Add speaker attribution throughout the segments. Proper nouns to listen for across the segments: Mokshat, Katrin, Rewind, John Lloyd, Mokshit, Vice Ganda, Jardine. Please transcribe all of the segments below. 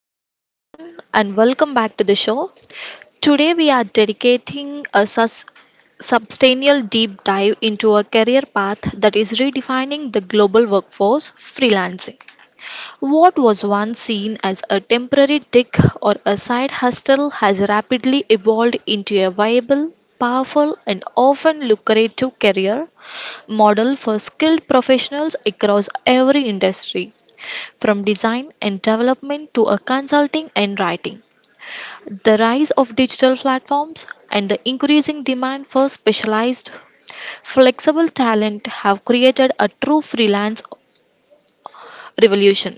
Speaker 1: Hello, everyone, and welcome back to the show. Today, we are dedicating a substantial deep dive into a career path that is redefining the global workforce freelancing. What was once seen as a temporary tick or a side hustle has rapidly evolved into a viable, powerful, and often lucrative career model for skilled professionals across every industry. From design and development to a consulting and writing, the rise of digital platforms and the increasing demand for specialized, flexible talent have created a true freelance revolution.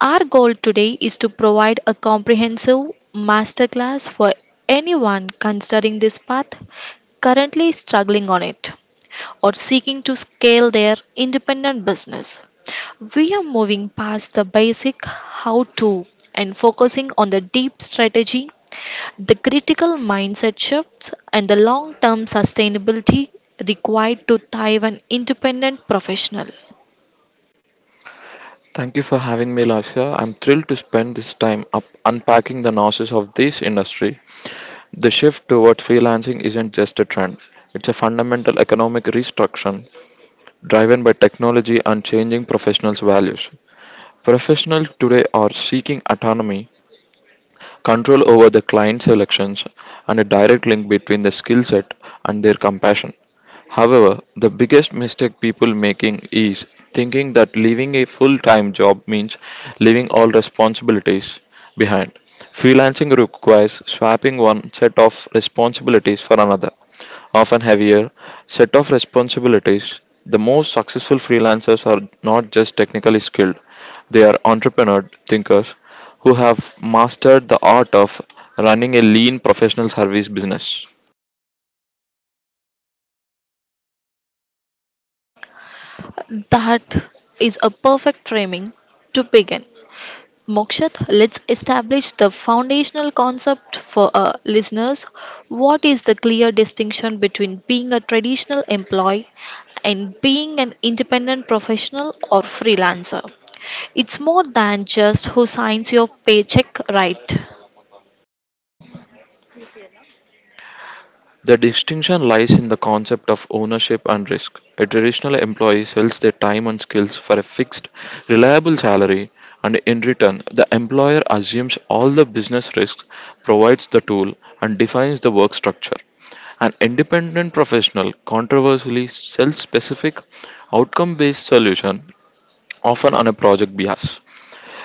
Speaker 1: Our goal today is to provide a comprehensive masterclass for anyone considering this path, currently struggling on it, or seeking to scale their independent business. We are moving past the basic how to and focusing on the deep strategy, the critical mindset shifts, and the long term sustainability required to thrive an independent professional.
Speaker 2: Thank you for having me, Lasha. I'm thrilled to spend this time up unpacking the nuances of this industry. The shift towards freelancing isn't just a trend, it's a fundamental economic restructuring driven by technology and changing professionals' values. Professionals today are seeking autonomy, control over the client selections, and a direct link between the skill set and their compassion. However, the biggest mistake people making is thinking that leaving a full-time job means leaving all responsibilities behind. Freelancing requires swapping one set of responsibilities for another often heavier, set of responsibilities. The most successful freelancers are not just technically skilled, they are entrepreneur thinkers who have mastered the art of running a lean professional service business.
Speaker 1: That is a perfect framing to begin. Mokshat, let's establish the foundational concept for our listeners. What is the clear distinction between being a traditional employee and being an independent professional or freelancer? It's more than just who signs your paycheck, right?
Speaker 2: The distinction lies in the concept of ownership and risk. A traditional employee sells their time and skills for a fixed, reliable salary, and in return, the employer assumes all the business risks, provides the tool, and defines the work structure. An independent professional controversially sells specific outcome based solution often on a project bias.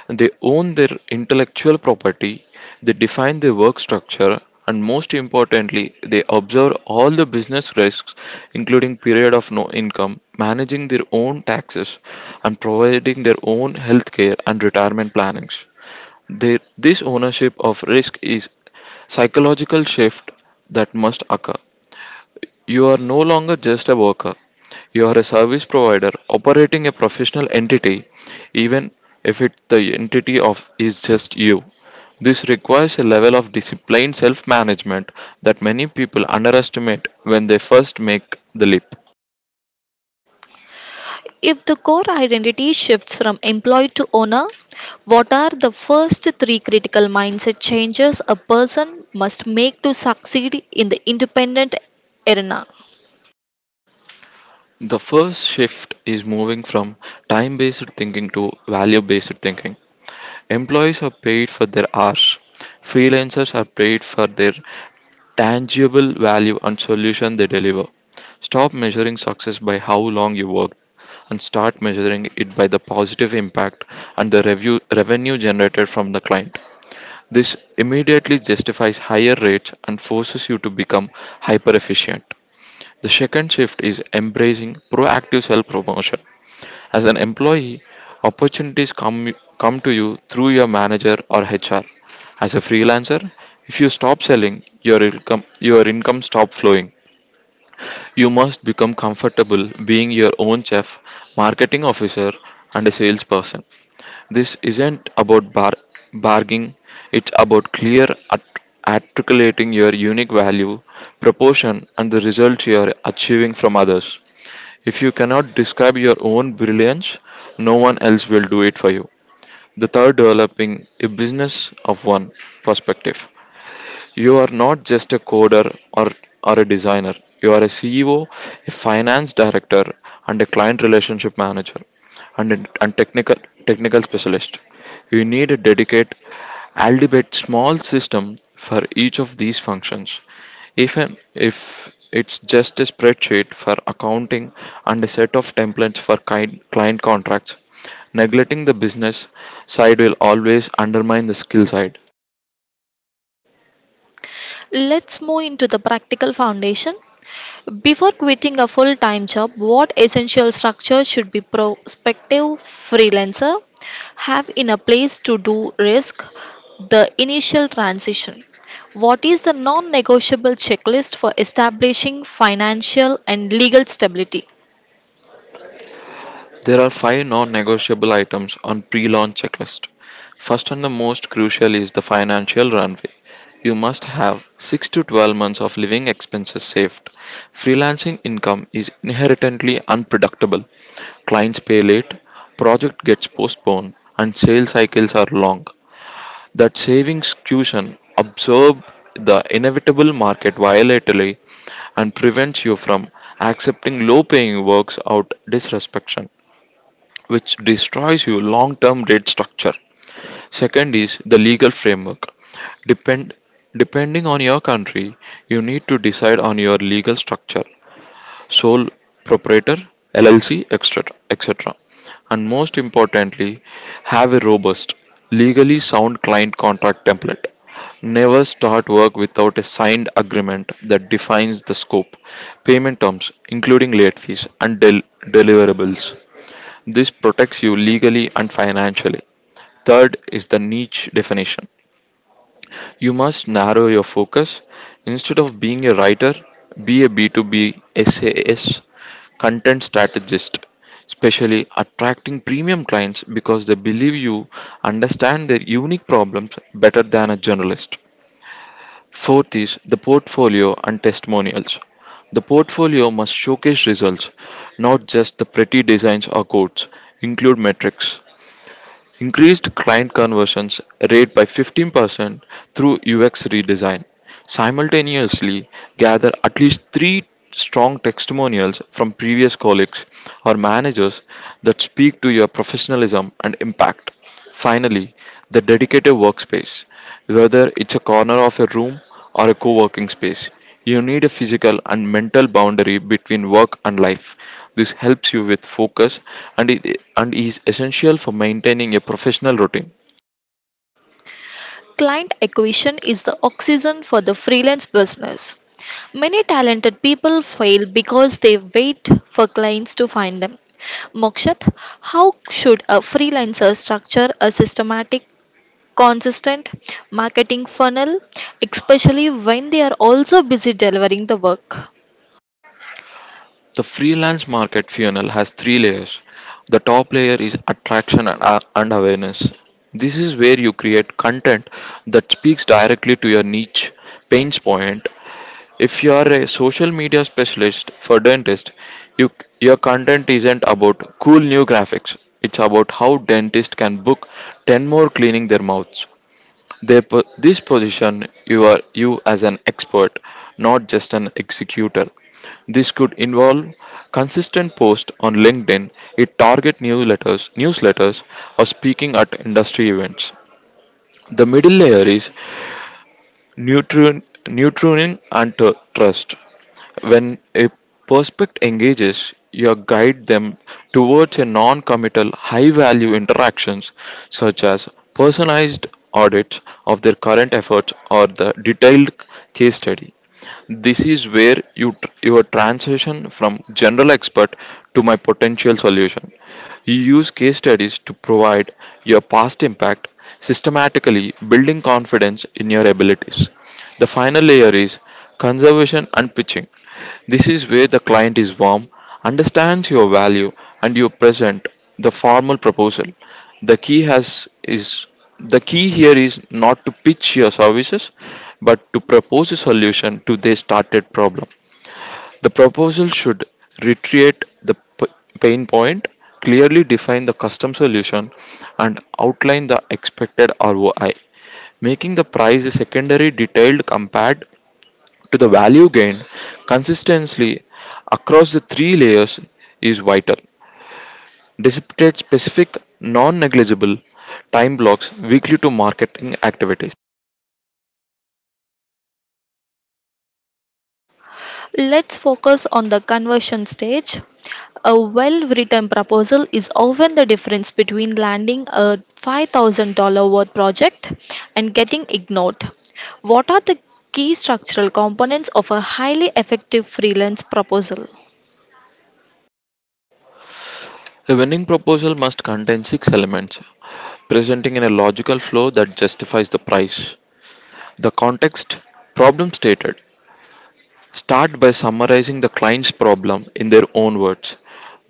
Speaker 2: They own their intellectual property, they define their work structure, and most importantly, they observe all the business risks, including period of no income, managing their own taxes, and providing their own healthcare and retirement plannings. This ownership of risk is psychological shift that must occur. You are no longer just a worker. You are a service provider operating a professional entity, even if the entity of is just you. This requires a level of disciplined self management that many people underestimate when they first make the leap.
Speaker 1: If the core identity shifts from employee to owner, what are the first three critical mindset changes a person must make to succeed in the independent arena?
Speaker 2: The first shift is moving from time based thinking to value based thinking. Employees are paid for their hours, freelancers are paid for their tangible value and solution they deliver. Stop measuring success by how long you worked and start measuring it by the positive impact and the revenue generated from the client. This immediately justifies higher rates and forces you to become hyper efficient. The second shift is embracing proactive self promotion. As an employee, opportunities come to you through your manager or HR. As a freelancer, if you stop selling, your income stop flowing. You must become comfortable being your own chef, marketing officer, and a salesperson. This isn't about bargaining, it's about clear articulating your unique value, proportion, and the results you are achieving from others. If you cannot describe your own brilliance, no one else will do it for you. The third, developing a business of one perspective. You are not just a coder or a designer, you are a CEO, a finance director, and a client relationship manager and, technical specialist. You need a dedicated, albeit small system for each of these functions. Even if it's just a spreadsheet for accounting and a set of templates for client contracts, neglecting the business side will always undermine the skill side.
Speaker 1: Let's move into the practical foundation. Before quitting a full time job, what essential structure should be prospective freelancer have in a place to do risk the initial transition? What is the non negotiable checklist for establishing financial and legal stability?
Speaker 2: There are five non negotiable items on pre launch checklist. First and the most crucial is the financial runway. You must have 6 to 12 months of living expenses saved. Freelancing income is inherently unpredictable. Clients pay late, project gets postponed, and sales cycles are long. That savings cushion absorbs the inevitable market volatility and prevents you from accepting low paying works out disrespect which destroys your long term rate structure. Second is the legal framework. Depend, depending on your country, you need to decide on your legal structure, sole proprietor, LLC, etc. And most importantly, have a robust, legally sound client contract template. Never start work without a signed agreement that defines the scope, payment terms, including late fees, and deliverables. This protects you legally and financially. Third is the niche definition. You must narrow your focus. Instead of being a writer, be a B2B SaaS content strategist, especially attracting premium clients because they believe you understand their unique problems better than a journalist. Fourth is the portfolio and testimonials. The portfolio must showcase results, not just the pretty designs or quotes. Include metrics, increased client conversions rate by 15% through UX redesign. Simultaneously, gather at least three strong testimonials from previous colleagues or managers that speak to your professionalism and impact. Finally, the dedicated workspace. Whether it's a corner of a room or a co working space, you need a physical and mental boundary between work and life. This helps you with focus and is essential for maintaining a professional routine.
Speaker 1: Client acquisition is the oxygen for the freelance business. Many talented people fail because they wait for clients to find them. Mokshat, how should a freelancer structure a systematic, consistent marketing funnel, especially when they are also busy delivering the work?
Speaker 2: The freelance market funnel has three layers. The top layer is attraction and awareness. This is where you create content that speaks directly to your niche pain point. If you are a social media specialist for dentist, you, your content isn't about cool new graphics. It's about how dentists can book 10 more cleaning their mouths. This position you as an expert, not just an executor. This could involve consistent posts on LinkedIn, a target newsletters, or speaking at industry events. The middle layer is nutrient and trust. When a prospect engages, you guide them towards a non-committal high-value interactions such as personalized audits of their current efforts or the detailed case study. This is where your transition from general expert to my potential solution. You use case studies to provide your past impact, systematically building confidence in your abilities. The final layer is conservation and pitching. This is where the client is warm, understands your value, and you present the formal proposal. The key has is the key here is not to pitch your services but to propose a solution to their started problem. The proposal should reiterate the pain point, clearly define the custom solution, and outline the expected ROI, making the price a secondary detail compared to the value gained. Consistently across the three layers is vital. Dissipate specific non negligible time blocks weekly to marketing activities.
Speaker 1: Let's focus on the conversion stage. A well written proposal is often the difference between landing a $5,000 worth project and getting ignored. What are the key structural components of a highly effective freelance proposal?
Speaker 2: A winning proposal must contain six elements, presenting in a logical flow that justifies the price. The context, problem stated. Start by summarizing the client's problem in their own words.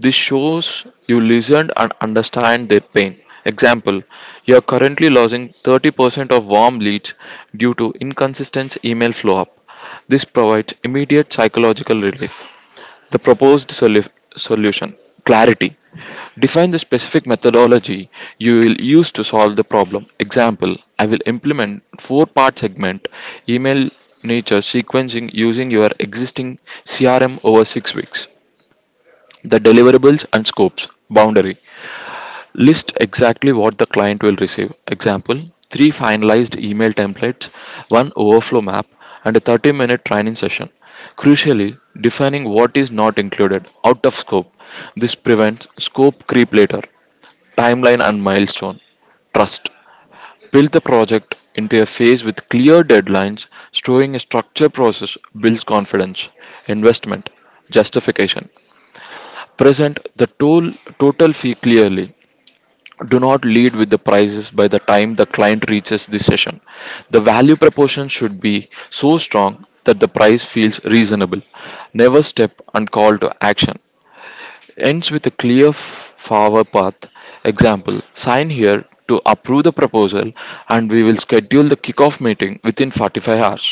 Speaker 2: This shows you listened and understand their pain. Example, you are currently losing 30% of warm leads due to inconsistent email flow up. This provides immediate psychological relief. The proposed solution clarity. Define the specific methodology you will use to solve the problem. Example, I will implement four-part segment email nature sequencing using your existing CRM over 6 weeks. The deliverables and scopes boundary. List exactly what the client will receive. Example, three finalized email templates, one overflow map, and a 30-minute training session. Crucially, defining what is not included, out of scope. This prevents scope creep later, timeline and milestone. Trust. Build the project into a phase with clear deadlines, storing a structured process builds confidence. Investment. Justification. Present the total fee clearly. Do not lead with the prices by the time the client reaches the session. The value proposition should be so strong that the price feels reasonable. Never step and call to action ends with a clear forward path. Example, sign here to approve the proposal, and we will schedule the kickoff meeting within 45 hours.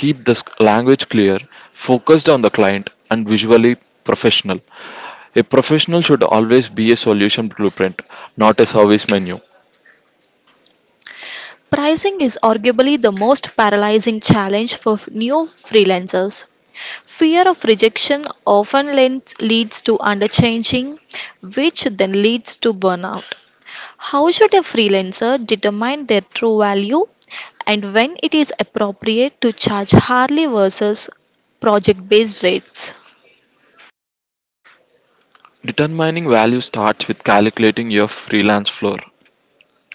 Speaker 2: Keep the language clear, focused on the client, and visually professional. A professional should always be a solution blueprint, not a service menu.
Speaker 1: Pricing is arguably the most paralyzing challenge for new freelancers. Fear of rejection often leads to underchanging, which then leads to burnout. How should a freelancer determine their true value and when it is appropriate to charge hourly versus project based rates?
Speaker 2: Determining value starts with calculating your freelance floor.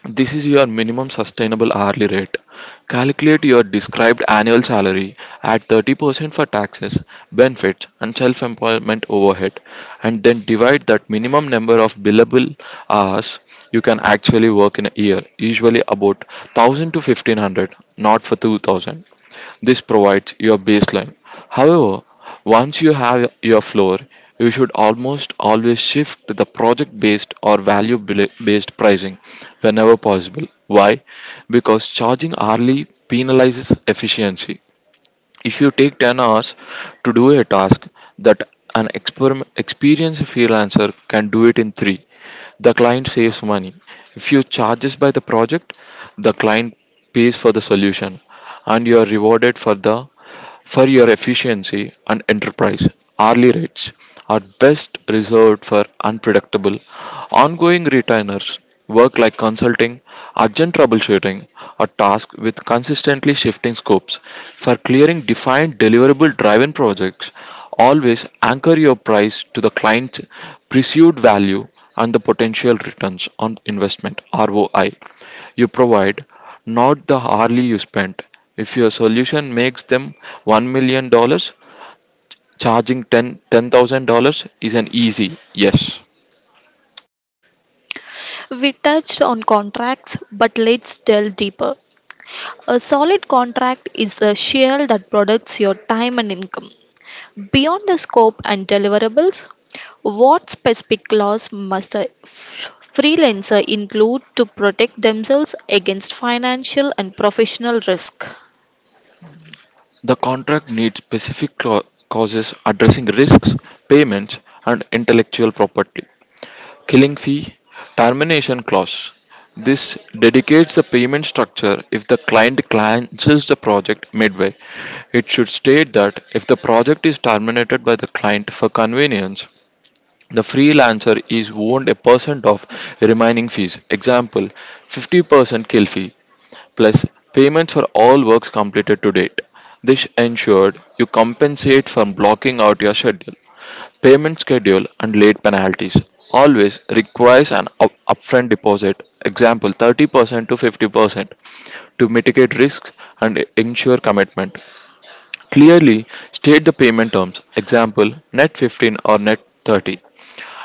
Speaker 2: This is your minimum sustainable hourly rate. Calculate your described annual salary at 30% for taxes, benefits, and self employment overhead, and then divide that minimum number of billable hours you can actually work in a year, usually about 1,000 to 1,500, not for 2,000. This provides your baseline. However, once you have your floor, you should almost always shift to the project based or value based pricing whenever possible. Why? Because charging hourly penalizes efficiency. If you take 10 hours to do a task that experienced freelancer can do it in 3, the client saves money. If you charges by the project, the client pays for the solution and you are rewarded for your efficiency and enterprise. Hourly rates are best reserved for unpredictable ongoing retainers work like consulting, urgent troubleshooting, or tasks with consistently shifting scopes. For clearing defined deliverable driven projects, always anchor your price to the client's perceived value and the potential returns on investment ROI you provide, not the hourly you spent. If your solution makes them $1 million, dollars, charging ten thousand dollars is an easy yes.
Speaker 1: We touched on contracts, but let's delve deeper. A solid contract is a shell that protects your time and income. Beyond the scope and deliverables, what specific laws must a freelancer include to protect themselves against financial and professional risk?
Speaker 2: The contract needs specific clauses addressing risks, payments, and intellectual property. Killing fee, termination clause. This dedicates the payment structure if the client cancels the project midway. It should state that if the project is terminated by the client for convenience, the freelancer is owed a percent of remaining fees. Example, 50% kill fee plus payments for all works completed to date. This ensured you compensate for blocking out your schedule. Payment schedule and late penalties always requires an upfront deposit, example 30% to 50%, to mitigate risks and ensure commitment. Clearly state the payment terms, example net 15 or net 30,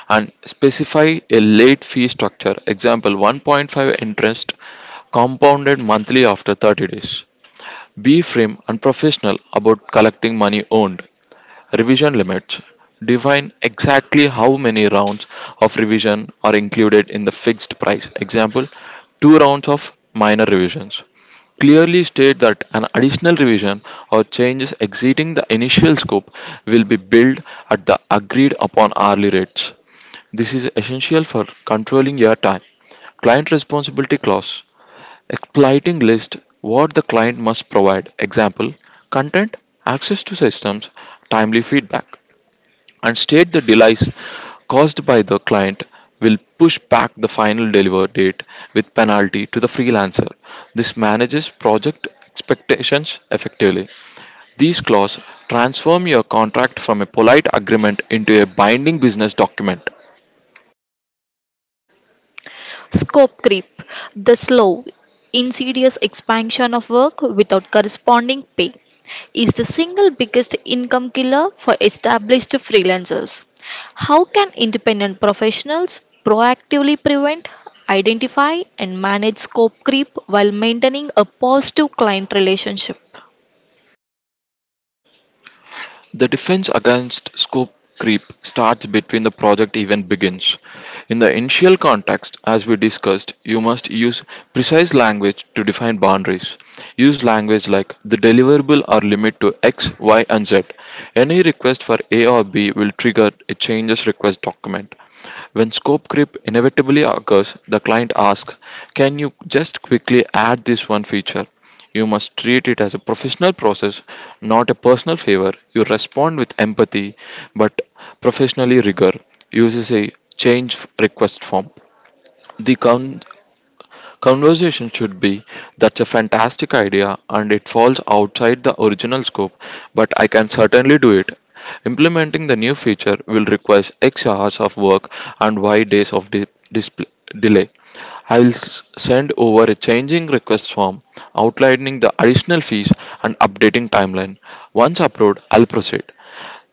Speaker 2: and specify a late fee structure, example 1.5 interest compounded monthly after 30 days. Be firm and professional about collecting money earned. Revision limits. Define exactly how many rounds of revision are included in the fixed price. Example, two rounds of minor revisions. Clearly state that an additional revision or changes exceeding the initial scope will be billed at the agreed upon hourly rates. This is essential for controlling your time. Client responsibility clause. Exploiting list what the client must provide, example, content, access to systems, timely feedback, and state the delays caused by the client will push back the final deliver date with penalty to the freelancer. This manages project expectations effectively. These clauses transform your contract from a polite agreement into a binding business document.
Speaker 1: Scope creep, the slow, insidious expansion of work without corresponding pay, is the single biggest income killer for established freelancers. How can independent professionals proactively prevent, identify, and manage scope creep while maintaining a positive client relationship?
Speaker 2: The defense against scope creep starts between the project even begins. In the initial context, as we discussed, you must use precise language to define boundaries. Use language like the deliverable or limit to X, Y, and Z. Any request for A or B will trigger a changes request document. When scope creep inevitably occurs, the client asks, "Can you just quickly add this one feature?" You must treat it as a professional process, not a personal favor. You respond with empathy, but professionally rigor. Uses a change request form. The coun Conversation should be, "That's a fantastic idea and it falls outside the original scope, but I can certainly do it. Implementing the new feature will require X hours of work and Y days of de- display delay. I will send over a changing request form outlining the additional fees and updating timeline. Once approved, I'll proceed."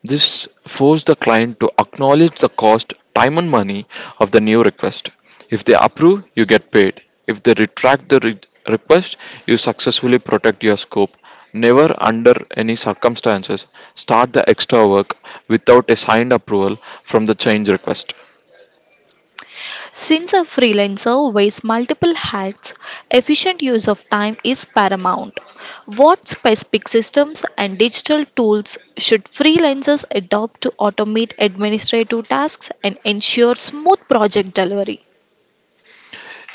Speaker 2: This forced the client to acknowledge the cost, time, and money of the new request. If they approve, you get paid. If they retract the request, you successfully protect your scope. Never, under any circumstances, start the extra work without a signed approval from the change request.
Speaker 1: Since a freelancer wears multiple hats, efficient use of time is paramount. What specific systems and digital tools should freelancers adopt to automate administrative tasks and ensure smooth project delivery?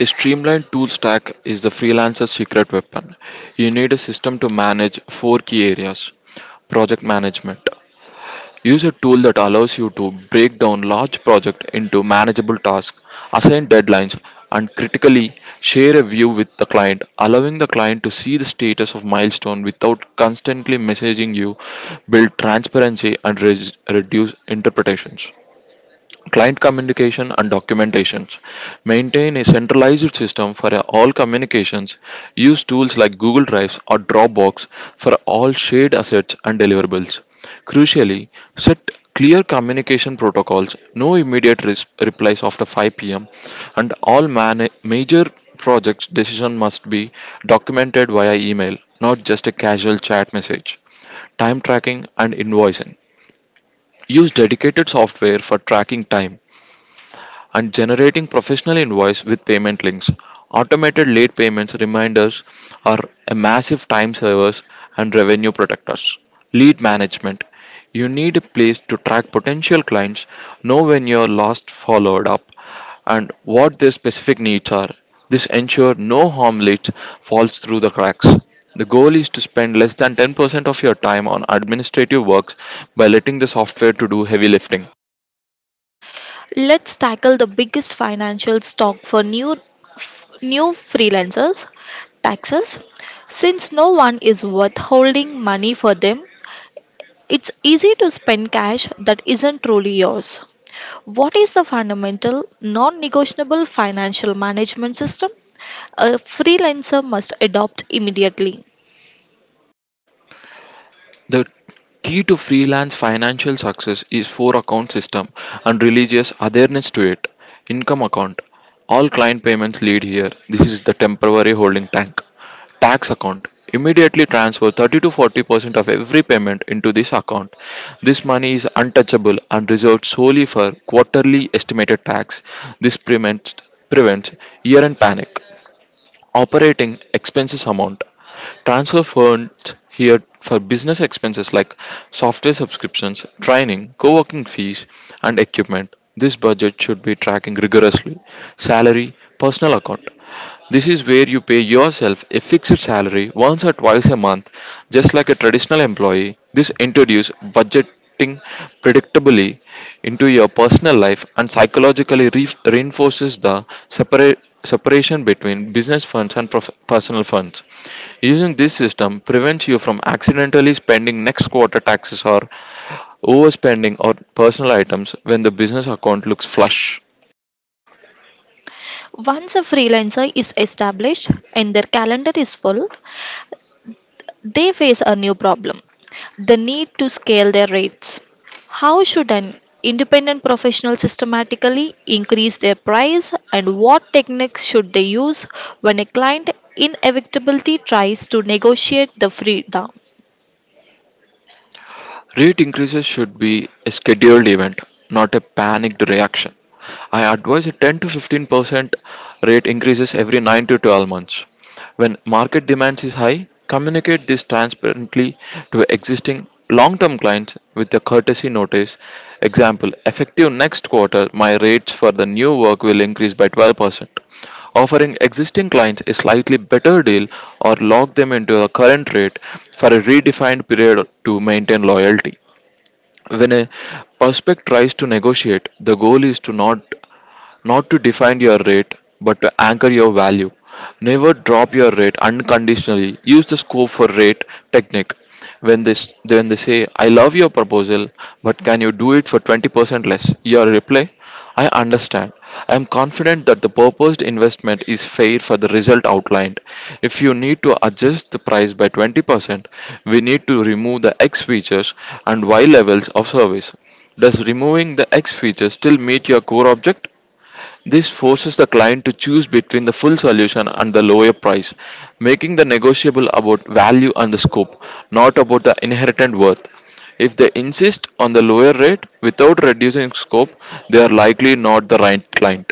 Speaker 2: A streamlined tool stack is the freelancer's secret weapon. You need a system to manage four key areas: project management. Use a tool that allows you to break down large projects into manageable tasks, assign deadlines, and critically share a view with the client, allowing the client to see the status of milestone without constantly messaging you, build transparency and reduce interpretations. Client communication and documentations. Maintain a centralized system for all communications. Use tools like Google Drives or Dropbox for all shared assets and deliverables. Crucially, set clear communication protocols, no immediate replies after 5 p.m., and all major projects decision must be documented via email, not just a casual chat message. Time tracking and invoicing. Use dedicated software for tracking time, and generating professional invoice with payment links. Automated late payments reminders are a massive time savers and revenue protectors. Lead management. You need a place to track potential clients, know when you're last followed up, and what their specific needs are. This ensures no harm leads falls through the cracks. The goal is to spend less than 10% of your time on administrative works by letting the software to do heavy lifting.
Speaker 1: Let's tackle the biggest financial stock for new freelancers taxes since no one is withholding money for them. It's easy to spend cash that isn't truly yours. What is the fundamental non negotiable financial management system a freelancer must adopt immediately?
Speaker 2: The key to freelance financial success is four account system and religious awareness to it. Income account. All client payments lead here. This is the temporary holding tank. Tax account. Immediately transfer 30 to 40% of every payment into this account. This money is untouchable and reserved solely for quarterly estimated tax. This prevents year-end panic. Operating expenses amount. Transfer funds here for business expenses like software subscriptions, training, co working fees, and equipment. This budget should be tracking rigorously. Salary, personal account. This is where you pay yourself a fixed salary once or twice a month, just like a traditional employee. This introduces budget interacting predictably into your personal life and psychologically reinforces the separa- separation between business funds and personal funds. Using this system prevents you from accidentally spending next quarter taxes or overspending on personal items when the business account looks flush.
Speaker 1: Once a freelancer is established and their calendar is full, they face a new problem the need to scale their rates. How should an independent professional systematically increase their price, and what techniques should they use when a client inevitably tries to negotiate the free down?
Speaker 2: Rate increases should be a scheduled event, not a panicked reaction. I advise a 10 to 15% rate increases every 9 to 12 months. When market demand is high, communicate this transparently to existing long term clients with a courtesy notice. Example: effective next quarter, my rates for the new work will increase by 12%, offering existing clients a slightly better deal or lock them into a current rate for a redefined period to maintain loyalty. When a prospect tries to negotiate, the goal is to not not to define your rate, but to anchor your value. Never drop your rate unconditionally. Use the scope for rate technique. When they, when they say, "I love your proposal, but can you do it for 20% less?" Your reply, "I understand. I am confident that the proposed investment is fair for the result outlined. If you need to adjust the price by 20%, we need to remove the X features and Y levels of service. Does removing the X feature still meet your core object?" This forces the client to choose between the full solution and the lower price, making the negotiable about value and the scope, not about the inherent worth. If they insist on the lower rate without reducing scope, they are likely not the right client.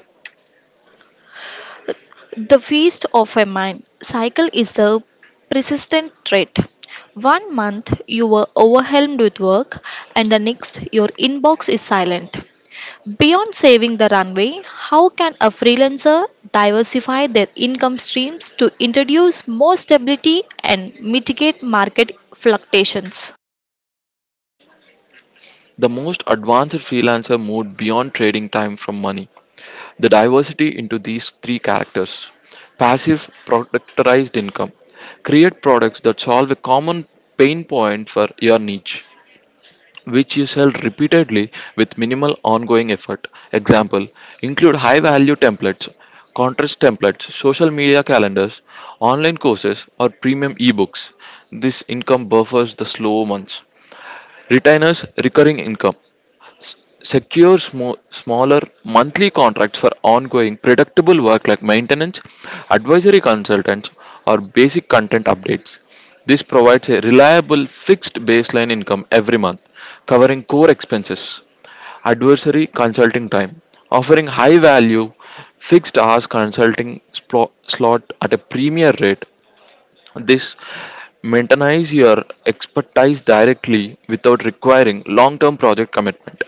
Speaker 1: The feast of a mind cycle is the persistent trait. One month you were overwhelmed with work, and the next your inbox is silent. Beyond saving the runway, how can a freelancer diversify their income streams to introduce more stability and mitigate market fluctuations?
Speaker 2: The most advanced freelancer moved beyond trading time from money. The diversity into these three characters: passive productized income. Create products that solve a common pain point for your niche which you sell repeatedly with minimal ongoing effort. Example include high value templates, contrast templates, social media calendars, online courses, or premium ebooks. This income buffers the slow months. Retainers recurring income. S- Secure smaller monthly contracts for ongoing predictable work like maintenance, advisory consultants, or basic content updates. This provides a reliable fixed baseline income every month, covering core expenses, advisory consulting time, offering high value fixed hours consulting slot at a premier rate. This maintains your expertise directly without requiring long term project commitment.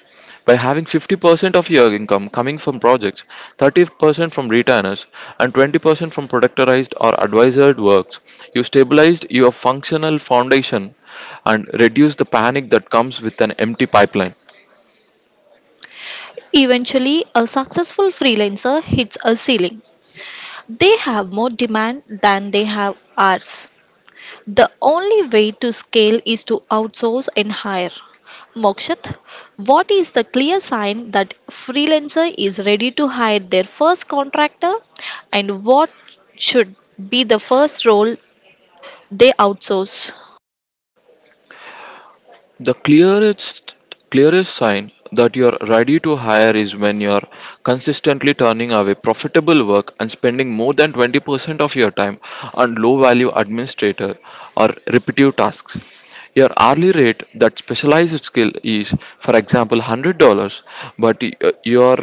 Speaker 2: By having 50% of your income coming from projects, 30% from retainers, and 20% from productorized or advisored works, you stabilized your functional foundation and reduce the panic that comes with an empty pipeline.
Speaker 1: Eventually, a successful freelancer hits a ceiling. They have more demand than they have hours. The only way to scale is to outsource and hire. Mokshat, what is the clear sign that freelancer is ready to hire their first contractor and what should be the first role they outsource?
Speaker 2: The clearest sign that you're ready to hire is when you're consistently turning away profitable work and spending more than 20% of your time on low value administrator or repetitive tasks. Your hourly rate that specialized skill is, for example, $100, but you're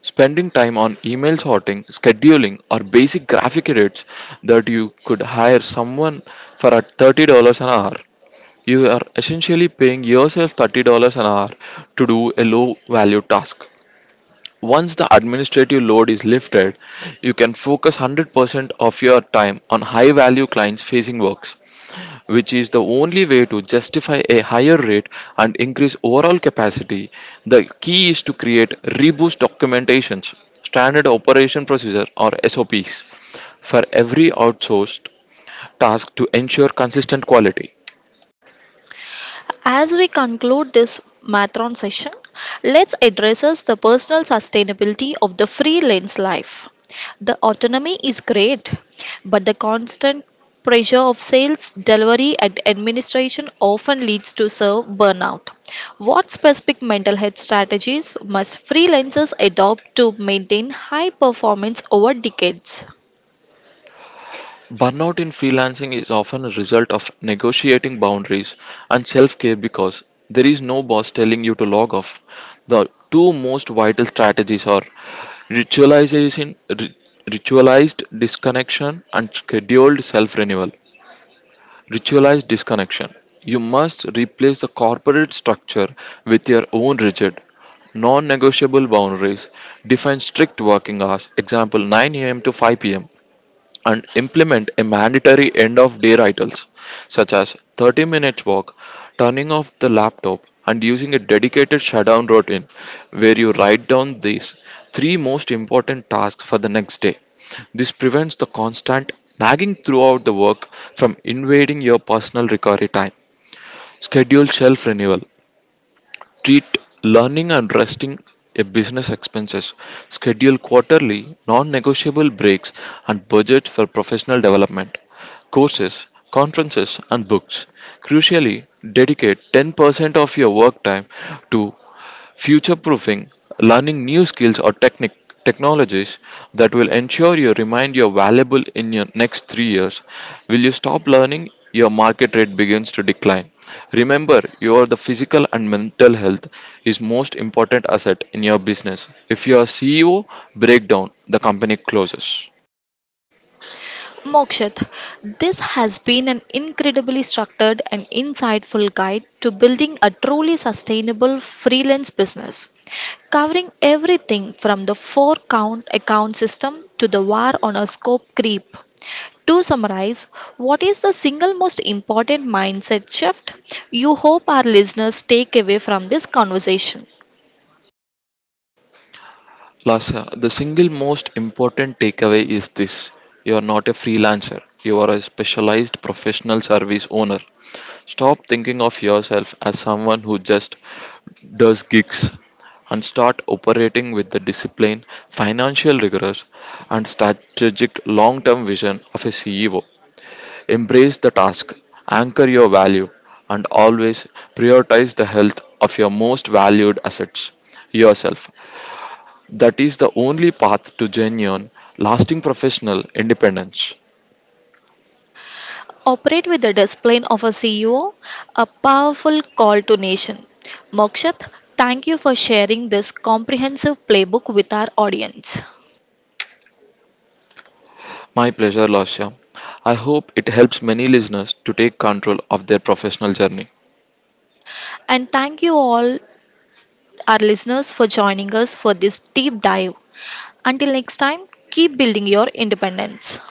Speaker 2: spending time on email sorting, scheduling, or basic graphic edits that you could hire someone for at $30 an hour. You are essentially paying yourself $30 an hour to do a low value task. Once the administrative load is lifted, you can focus 100% of your time on high value clients facing works, which is the only way to justify a higher rate and increase overall capacity. The key is to create reboost documentations, standard operation procedure or SOPs for every outsourced task to ensure consistent quality.
Speaker 1: As we conclude this marathon session, let's address us the personal sustainability of the freelance life. The autonomy is great, but the constant pressure of sales, delivery, and administration often leads to serve burnout. What specific mental health strategies must freelancers adopt to maintain high performance over decades?
Speaker 2: Burnout in freelancing is often a result of negotiating boundaries and self care because there is no boss telling you to log off. The two most vital strategies are ritualization, ri- ritualized disconnection, and scheduled self renewal. Ritualized disconnection. You must replace the corporate structure with your own rigid, non negotiable boundaries. Define strict working hours, example 9 a.m. to 5 p.m., and implement a mandatory end of day rituals such as 30 minutes walk, turning off the laptop, and using a dedicated shutdown routine where you write down these three most important tasks for the next day. This prevents the constant nagging throughout the work from invading your personal recovery time. Schedule self renewal. Treat learning and resting a business expenses. Schedule quarterly, non-negotiable breaks and budget for professional development, courses, conferences and books. Crucially, dedicate 10% of your work time to future proofing, learning new skills or technic technologies that will ensure you remain your valuable in your next 3 years. Will you stop learning? Your market rate begins to decline. Remember, your the physical and mental health is most important asset in your business. If your CEO breakdown, the company closes.
Speaker 1: Mokshit, this has been an incredibly structured and insightful guide to building a truly sustainable freelance business, covering everything from the four count account system to the war on a scope creep. To summarize, what is the single most important mindset shift you hope our listeners take away from this conversation?
Speaker 2: Lasa, the single most important takeaway is this: you are not a freelancer, you are a specialized professional service owner. Stop thinking of yourself as someone who just does gigs and start operating with the discipline, financial rigor, and strategic long term vision of a CEO. Embrace the task, anchor your value, and always prioritize the health of your most valued assets yourself. That is the only path to genuine, lasting professional independence.
Speaker 1: Operate with the discipline of a CEO, a powerful call to nation. Mokshat, thank you for sharing this comprehensive playbook with our audience.
Speaker 2: My pleasure, Lasya. I hope it helps many listeners to take control of their professional journey.
Speaker 1: And thank you all, our listeners, for joining us for this deep dive. Until next time, keep building your independence.